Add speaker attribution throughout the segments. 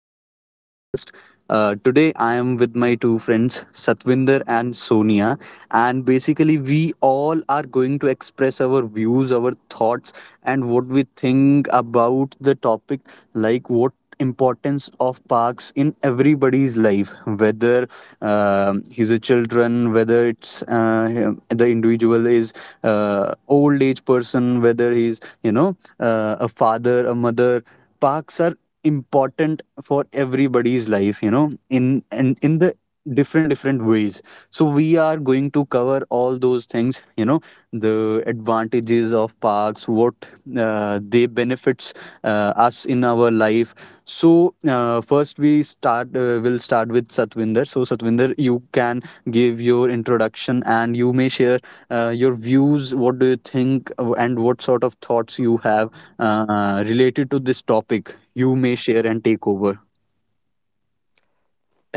Speaker 1: to our podcast. Today, I am with my two friends, Satvinder and Sonia, and basically, we all are going to express our views, our thoughts, and what we think about the topic, like what importance of parks in everybody's life, whether he's a children, whether the individual is old age person, whether he's a father, a mother. Parks are important for everybody's life, you know, in and in the different ways. So we are going to cover all those things, you know, the advantages of parks, what they benefits us in our life. So first we start will start with Satvinder. So Satvinder, you can give your introduction and you may share your views. What do you think, and what sort of thoughts you have related to this topic? You may share and take over.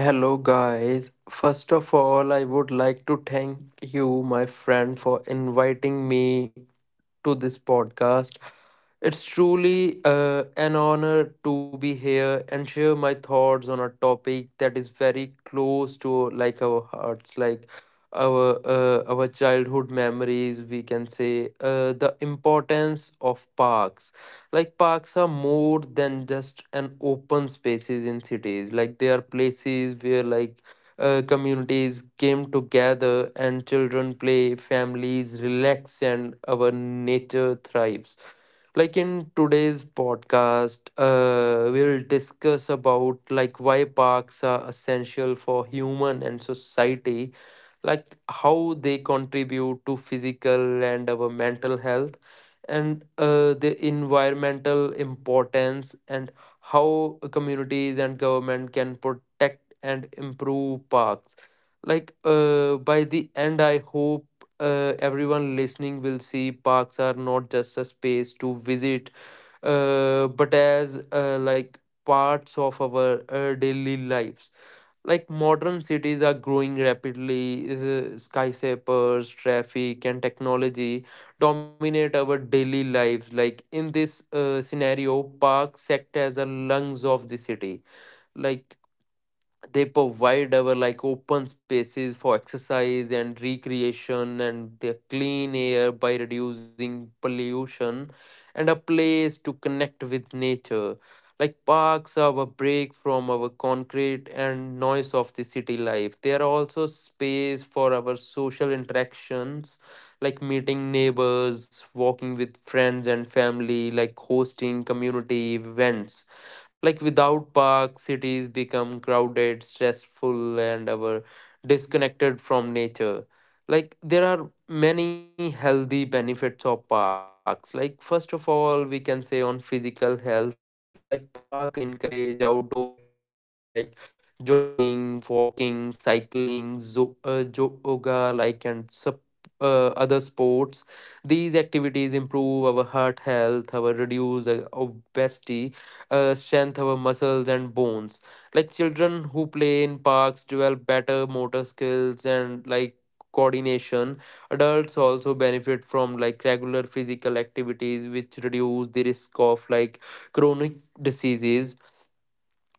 Speaker 2: Hello, guys. First of all, I would like to thank you, my friend, for inviting me to this podcast. It's truly an honor to be here and share my thoughts on a topic that is very close to like our hearts, like our our childhood memories. We can say the importance of parks. Like parks are more than just an open spaces in cities. Like they are places where like communities came together and children play, families relax, and our nature thrives. Like in today's podcast, we'll discuss about like why parks are essential for human and society, like how they contribute to physical and our mental health, and the environmental importance and how communities and government can protect and improve parks. Like by the end, I hope everyone listening will see parks are not just a space to visit, but as like parts of our daily lives. Like modern cities are growing rapidly, skyscrapers, traffic, and technology dominate our daily lives. Like in this scenario, parks act as a lungs of the city. Like they provide our like open spaces for exercise and recreation and the clean air by reducing pollution and a place to connect with nature. Like parks are a break from our concrete and noise of the city life. They are also space for our social interactions, like meeting neighbors, walking with friends and family, like hosting community events. Like without parks, cities become crowded, stressful, and our disconnected from nature. Like there are many healthy benefits of parks. Like first of all, we can say on physical health, like park encourage outdoor activities like jogging, walking, cycling, yoga, like and other sports. These activities improve our heart health, our reduce obesity, strength our muscles and bones. Like children who play in parks develop better motor skills and like coordination. Adults also benefit from like regular physical activities, which reduce the risk of like chronic diseases.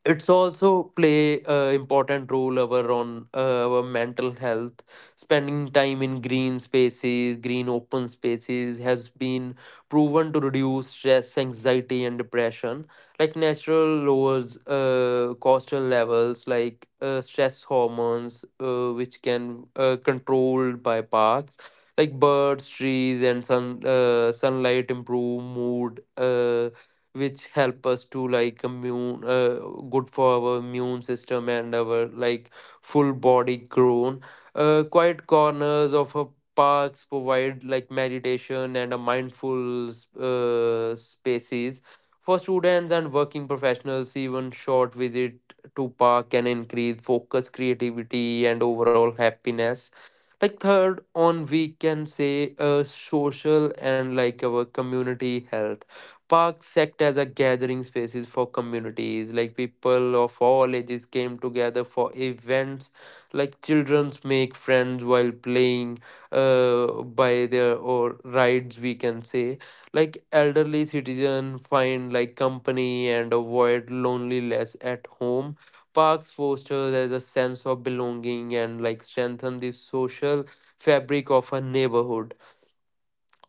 Speaker 2: It's also play a important role our on our mental health. Spending time in green spaces, green open spaces has been proven to reduce stress, anxiety, and depression. Like natural lowers cortisol levels, like stress hormones, which can controlled by parks. Like birds, trees, and sunlight improve mood, which help us to like immune good for our immune system and our like full body grown. Quiet corners of a parks provide like meditation and a mindful spaces for students and working professionals. Even short visit to park can increase focus, creativity, and overall happiness. Like third on, we can say social and like our community health. Parks act as a gathering spaces for communities, like people of all ages came together for events, like childrens make friends while playing by their or rides we can say. Like elderly citizen find like company and avoid loneliness at home. Parks fosters as a sense of belonging and like strengthen the social fabric of a neighborhood.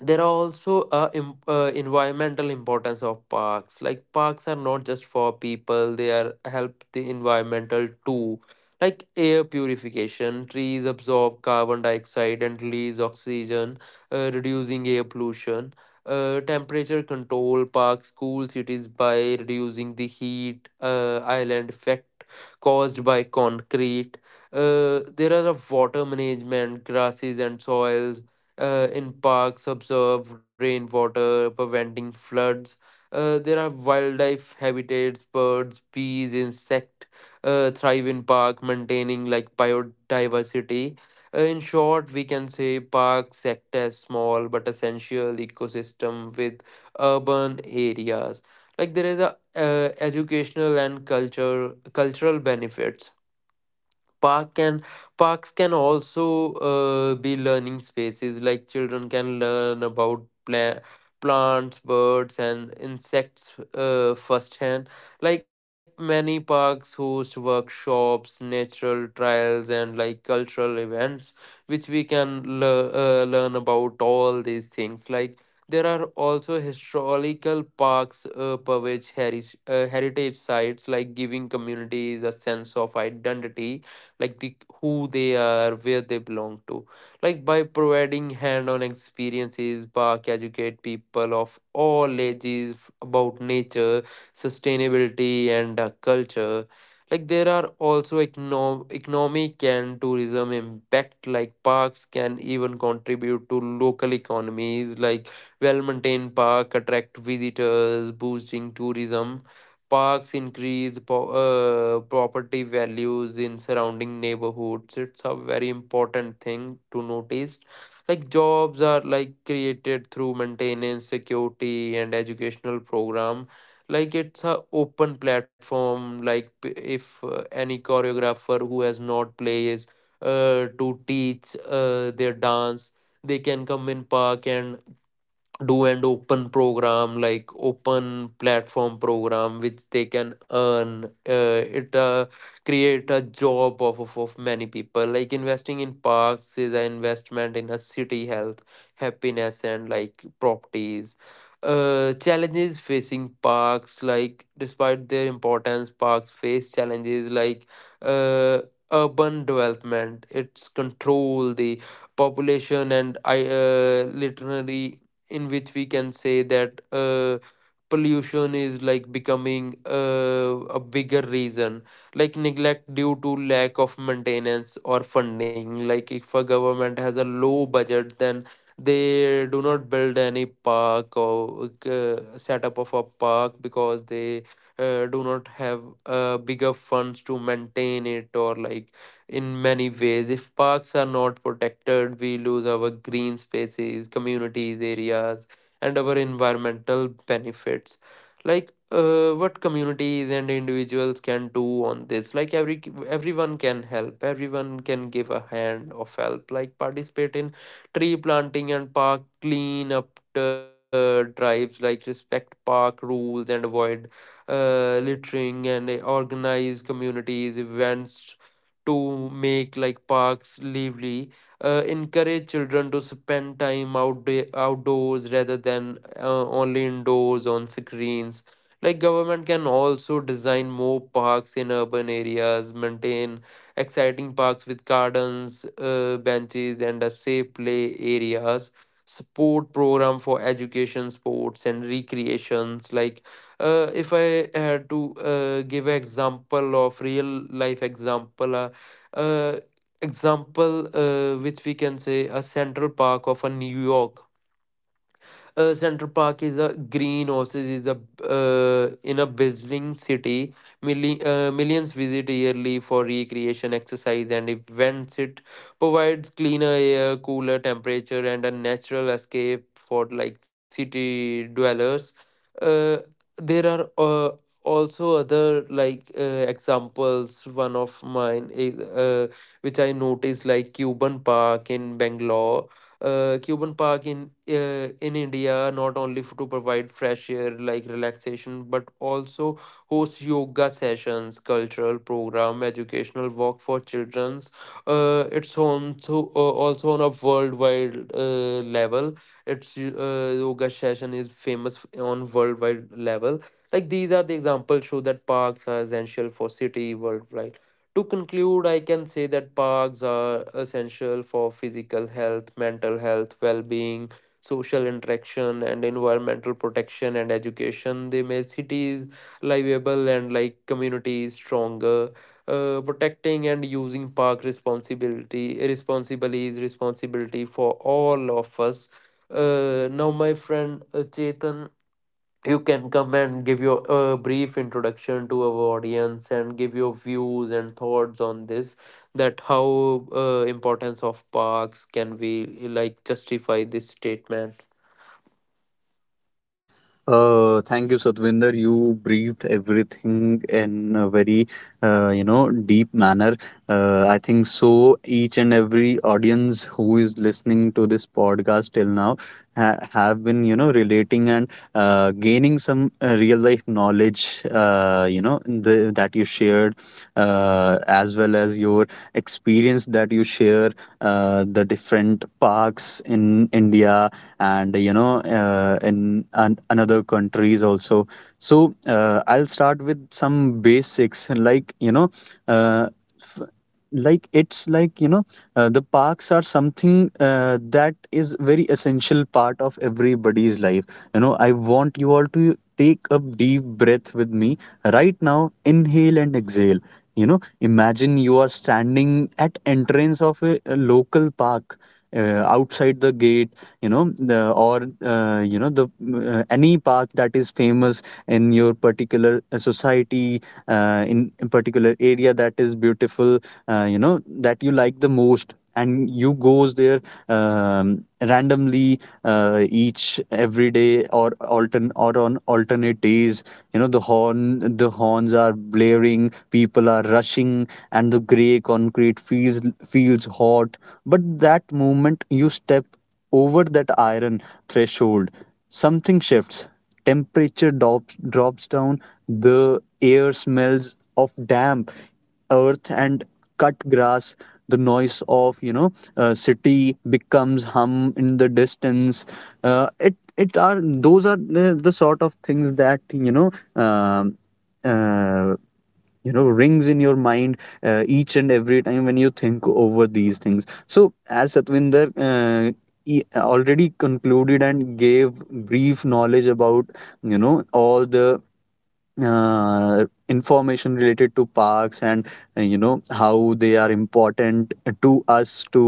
Speaker 2: There are also environmental importance of parks. Like parks are not just for people, they are help the environmental too. Like air purification: trees absorb carbon dioxide and release oxygen, reducing air pollution. Temperature control: parks cool cities by reducing the heat island effect caused by concrete. There are a water management: grasses and soils in parks observe rainwater, preventing floods. There are wildlife habitats: birds, bees, insect thrive in park, maintaining like biodiversity. In short, we can say parks act as small but essential ecosystem with urban areas. Like there is a educational and culture cultural benefits. Park can parks can also be learning spaces. Like children can learn about plants, birds, and insects firsthand. Like many parks host workshops, natural trials, and like cultural events, which we can learn about all these things. Like there are also historical parks heritage sites, like giving communities a sense of identity, like the who they are, where they belong to. Like by providing hand-on experiences, park educate people of all ages about nature, sustainability, and culture. Like there are also economic and tourism impact. Like parks can even contribute to local economies. Like well maintained park attract visitors, boosting tourism. Parks increase property values in surrounding neighborhoods. It's a very important thing to notice. Like jobs are like created through maintenance, security, and educational program. Like it's a open platform. Like if any choreographer who has not plays to teach their dance, they can come in park and do and open program, like open platform program, which they can earn it create a job of, of many people. Like investing in parks is an investment in a city health, happiness, and like properties. Challenges facing parks: like despite their importance, parks face challenges like uh, urban development, its control the population and I, literally, in which we can say that pollution is like becoming a bigger reason. Like neglect due to lack of maintenance or funding. Like if a government has a low budget, then they do not build any park or setup of a park because they do not have bigger funds to maintain it. Or like in many ways, if parks are not protected, we lose our green spaces, communities areas, and our environmental benefits. Like what communities and individuals can do on this. Like everyone can help, everyone can give a hand of help, like participate in tree planting and park clean up drives, like respect park rules and avoid littering, and organize communities events to make like parks lively, encourage children to spend time outdoors rather than only indoors on screens. Like government can also design more parks in urban areas, maintain exciting parks with gardens, benches, and a safe play areas, support program for education, sports, and recreations. Like if I had to give an example of real life example, uh, example which we can say a Central Park of a New York. Central Park is a green oasis is a in a bustling city. Millions visit yearly for recreation, exercise, and events. It provides cleaner air, cooler temperature, and a natural escape for like city dwellers. Uh, there are also other like examples. One of mine is which I noticed, like Cuban Park in Bangalore. Cuban Park in India not only to provide fresh air, like relaxation, but also hosts yoga sessions, cultural program, educational work for children. Uh, it's on to, uh, Also on a worldwide level. Its yoga session is famous on worldwide level. Like these are the examples show that parks are essential for city worldwide. To conclude, I can say that parks are essential for physical health, mental health, well being, social interaction, and environmental protection and education. They make cities livable and like communities stronger. Protecting and using park responsibility responsibly is responsibility for all of us. Now, my friend Chetan, you can come and give your brief introduction to our audience and give your views and thoughts on this, that how importance of parks can we like justify this statement.
Speaker 1: Thank you, Satvinder. You briefed everything in a very, you know, deep manner. I think so. Each and every audience who is listening to this podcast till now have been, you know, relating and gaining some real life knowledge, you know, that you shared, as well as your experience that you share, the different parks in India, and you know, in another countries also. So I'll start with some basics, like you know, uh, like it's like, you know, the parks are something, that is very essential part of everybody's life. You know, I want you all to take a deep breath with me right now, inhale and exhale. You know, imagine you are standing at entrance of a local park, outside the gate. You know, the, or you know, the any park that is famous in your particular society, in a particular area that is beautiful, you know, that you like the most, and you goes there randomly, each every day or on alternate days. You know, the horns are blaring, people are rushing, and the grey concrete feels hot, but that moment you step over that iron threshold, something shifts. Temperature drops down. The air smells of damp earth and cut grass. The noise of, you know, city becomes hum in the distance. It it are those are the sort of things that, you know, um uh, you know, rings in your mind each and every time when you think over these things. So as Satvinder uh, already concluded and gave brief knowledge about, you know, all the information related to parks, and you know, how they are important to us to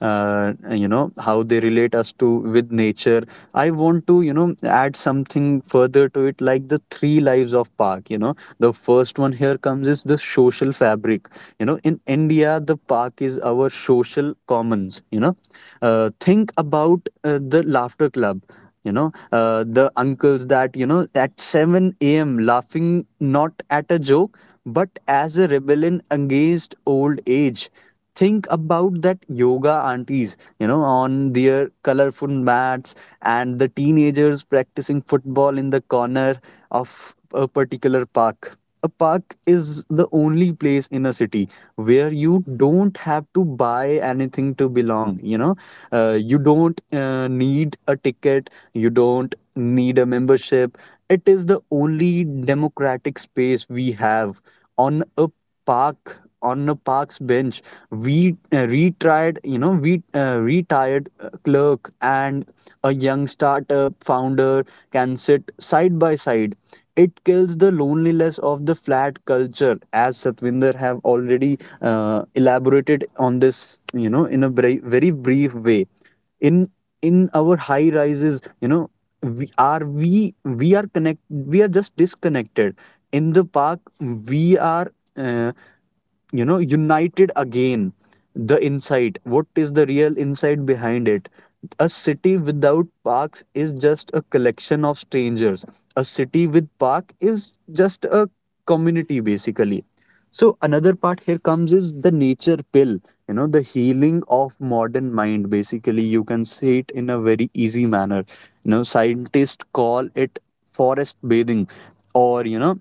Speaker 1: you know, how they relate us to with nature. I want to, you know, add something further to it, like the three lives of park. You know, the first one here comes is the social fabric. You know, in India, the park is our social commons. You know, think about the laughter club. You know, the uncles that, you know, at 7 a.m laughing, not at a joke, but as a rebellion against old age. Think about that yoga aunties, you know, on their colorful mats, and the teenagers practicing football in the corner of a particular park. A park is the only place in a city where you don't have to buy anything to belong. You know, you don't need a ticket, you don't need a membership. It is the only democratic space we have. On a park's bench, we retired clerk and a young startup founder can sit side by side. It kills the loneliness of the flat culture, as Satvinder have already elaborated on this, you know, in a very, very brief way. In in our high rises, you know, we are just disconnected. In the park, we are, you know, united again. The insight, what is the real insight behind it? A city without parks is just a collection of strangers. A city with park is just a community basically. So another part here comes is the nature pill, you know, the healing of modern mind, basically. You can say it in a very easy manner. You know, scientists call it forest bathing, or you know,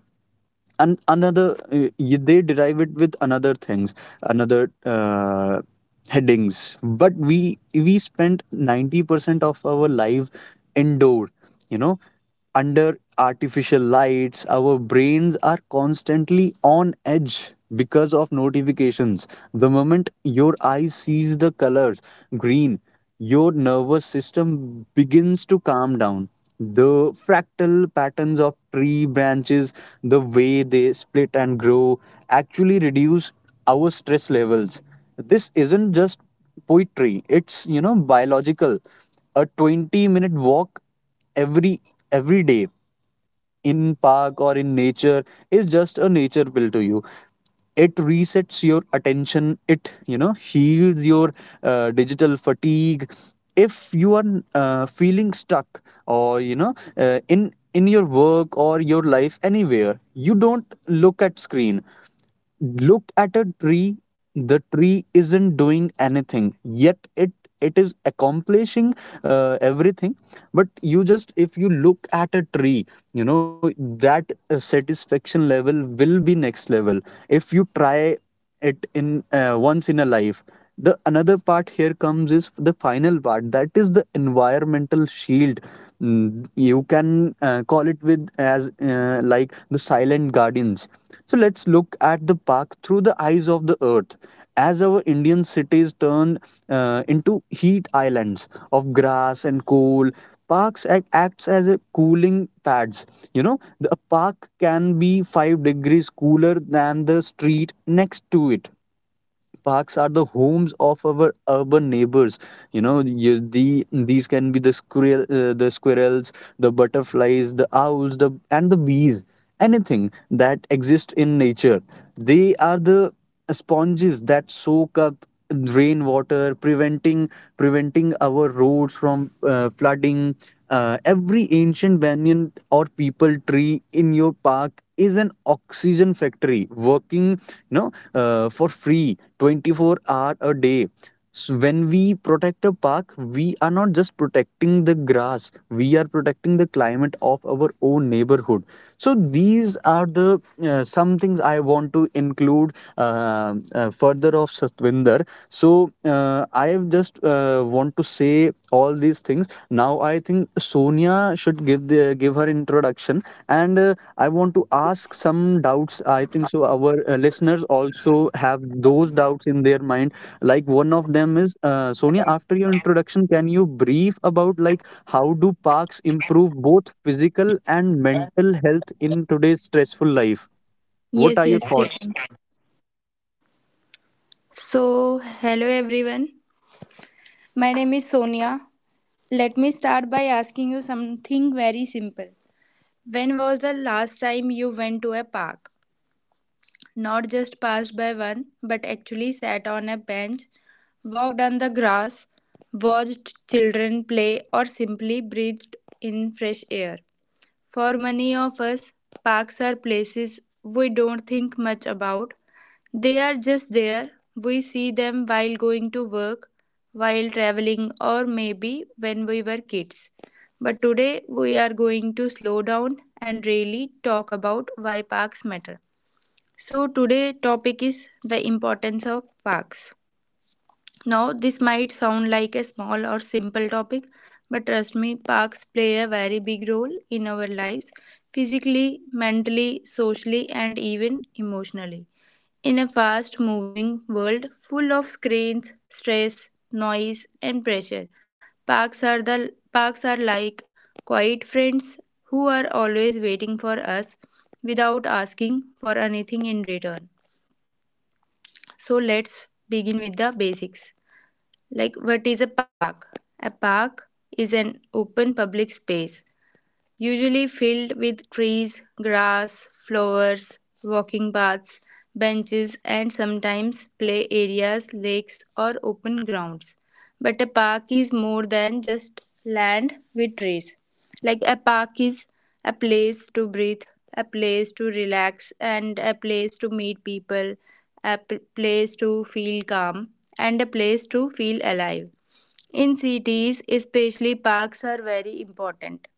Speaker 1: and another they derive it with another things another headings. But we spent 90% of our life indoor, you know, under artificial lights. Our brains are constantly on edge because of notifications. The moment your eye sees the color green, your nervous system begins to calm down. The fractal patterns of tree branches, the way they split and grow, actually reduce our stress levels. This isn't just poetry, it's, you know, biological. A 20-minute walk every every day in park or in nature is just a nature pill to you. It resets your attention, it, you know, heals your digital fatigue. If you are feeling stuck, or you know, in your work or your life anywhere, you don't look at screen, look at a tree. The tree isn't doing anything, yet it is accomplishing everything. But you just, if you look at a tree, you know, that satisfaction level will be next level if you try it in once in a life. The another part here comes is the final part, that is the environmental shield. Mm, you can call it with as, like, the silent guardians. So let's look at the park through the eyes of the earth. As our Indian cities turn into heat islands of grass and coal, parks acts as a cooling pads. You know, a park can be 5 degrees cooler than the street next to it. Parks are the homes of our urban neighbors. You know, you, the these can be the squirrels, the butterflies, the owls, the and the bees, anything that exists in nature. They are the sponges that soak up rainwater, preventing our roads from flooding. Every ancient banyan or people tree in your park is an oxygen factory working, you know, for free 24 hour a day. So when we protect a park, we are not just protecting the grass, we are protecting the climate of our own neighborhood. So these are the some things I want to include further of Satvinder. So I have just want to say all these things. Now I think Sonia should give the give her introduction. And I want to ask some doubts. I think so our listeners also have those doubts in their mind. Like one of them is, Sonia, after your introduction, can you brief about, like, how do parks improve both physical and mental health in today's stressful life?
Speaker 3: Yes,
Speaker 1: What are
Speaker 3: yes,
Speaker 1: your thoughts?
Speaker 3: Chetan. So, hello everyone. My name is Sonia. Let me start by asking you something very simple. When was the last time you went to a park? Not just passed by one, but actually sat on a bench, walked on the grass, watched children play, or simply breathed in fresh air. For many of us, parks are places we don't think much about. They are just there. We see them while going to work, while traveling, or maybe when we were kids. But today we are going to slow down and really talk about why parks matter. So today topic is the importance of parks. Now, this might sound like a small or simple topic, but trust me, parks play a very big role in our lives physically, mentally, socially, and even emotionally. In a fast moving world full of screens, stress, noise, and pressure, parks are like quiet friends who are always waiting for us without asking for anything in return. So, let's begin with the basics. Like what is a park? A park is an open public space usually filled with trees, grass, flowers, walking paths, benches, and sometimes play areas, lakes, or open grounds. But a park is more than just land with trees. Like a park is a place to breathe, a place to relax, and a place to meet people, place to feel calm, and a place to feel alive. In cities, especially parks are very important.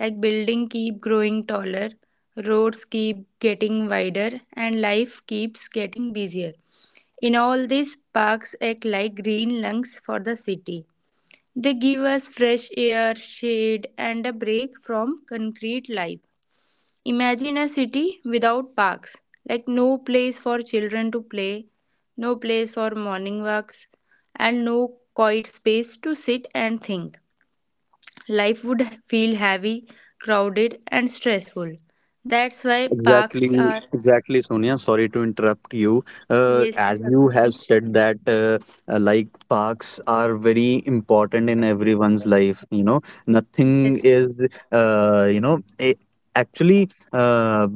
Speaker 3: Like building keep growing taller, roads keep getting wider, and life keeps getting busier. In all this, parks act like green lungs for the city. They give us fresh air, shade, and a break from concrete life. Imagine a city without parks, like no place for children to play, no place for morning walks, and no quiet space to sit and think. Life would feel heavy, crowded, and stressful. That's why parks
Speaker 1: Exactly,
Speaker 3: are.
Speaker 1: exactly, Sonia. Sorry to interrupt you.
Speaker 3: Yes,
Speaker 1: As you have
Speaker 3: yes,
Speaker 1: said that, like, parks are very important in everyone's life. You know,
Speaker 3: yes,
Speaker 1: nothing is,
Speaker 3: yes.
Speaker 1: you know, actually.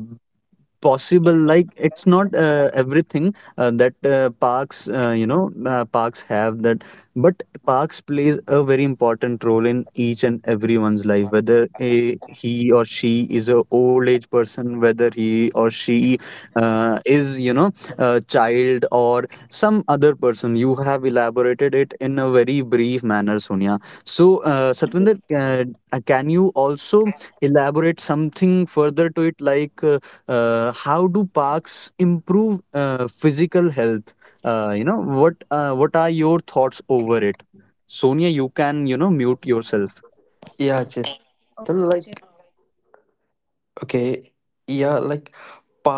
Speaker 1: possible, like, it's not everything that parks, parks have that, but parks plays a very important role in each and everyone's life, whether he or she is a old age person, whether he or she is, you know, a child or some other person. You have elaborated it in a very brief manner, Sonia. So Satvinder, can you also elaborate something further to it, like, how do parks improve physical health? You know, what are your thoughts over it? Sonia, you can, you know, mute yourself.
Speaker 2: Yeah, Chetan,
Speaker 3: Okay,
Speaker 2: like
Speaker 3: Chetan.
Speaker 2: okay, yeah, like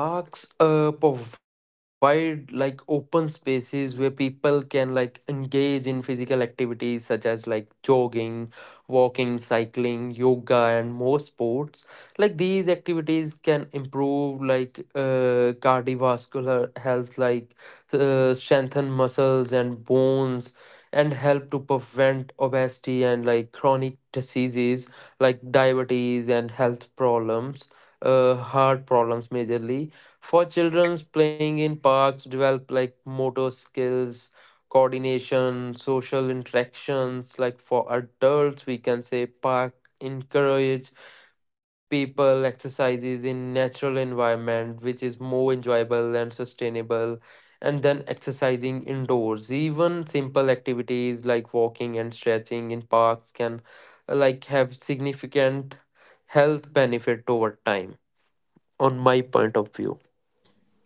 Speaker 2: parks provide like open spaces where people can like engage in physical activities such as like jogging, walking, cycling, yoga, and more sports. Like these activities can improve like cardiovascular health, like strengthen muscles and bones, and help to prevent obesity and like chronic diseases like diabetes and health problems, heart problems majorly. For children, playing in parks develop like motor skills, coordination, social interactions. Like for adults, we can say park encourage people exercises in natural environment which is more enjoyable and sustainable and then exercising indoors. Even simple activities like walking and stretching in parks can like have significant health benefit over time, on my point of view.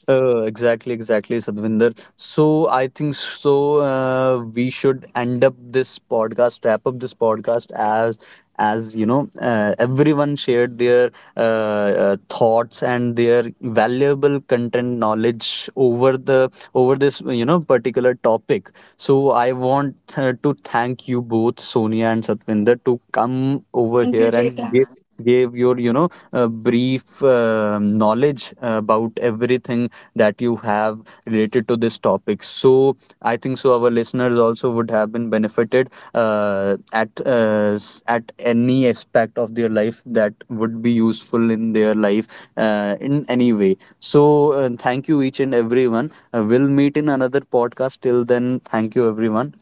Speaker 1: Exactly, exactly, Sadvinder. So I think so, we should end up this podcast, wrap up this podcast. As you know, everyone shared their thoughts and their valuable content knowledge over the over this, you know, particular topic. So I want to thank you both, Sonia and Satvinder, to come over
Speaker 3: Thank you,
Speaker 1: here and
Speaker 3: Chetan.
Speaker 1: gave your, you know, brief knowledge about everything that you have related to this topic. So I think so our listeners also would have been benefited at any aspect of their life that would be useful in their life in any way. So thank you each and everyone. We'll meet in another podcast. Till then, thank you everyone.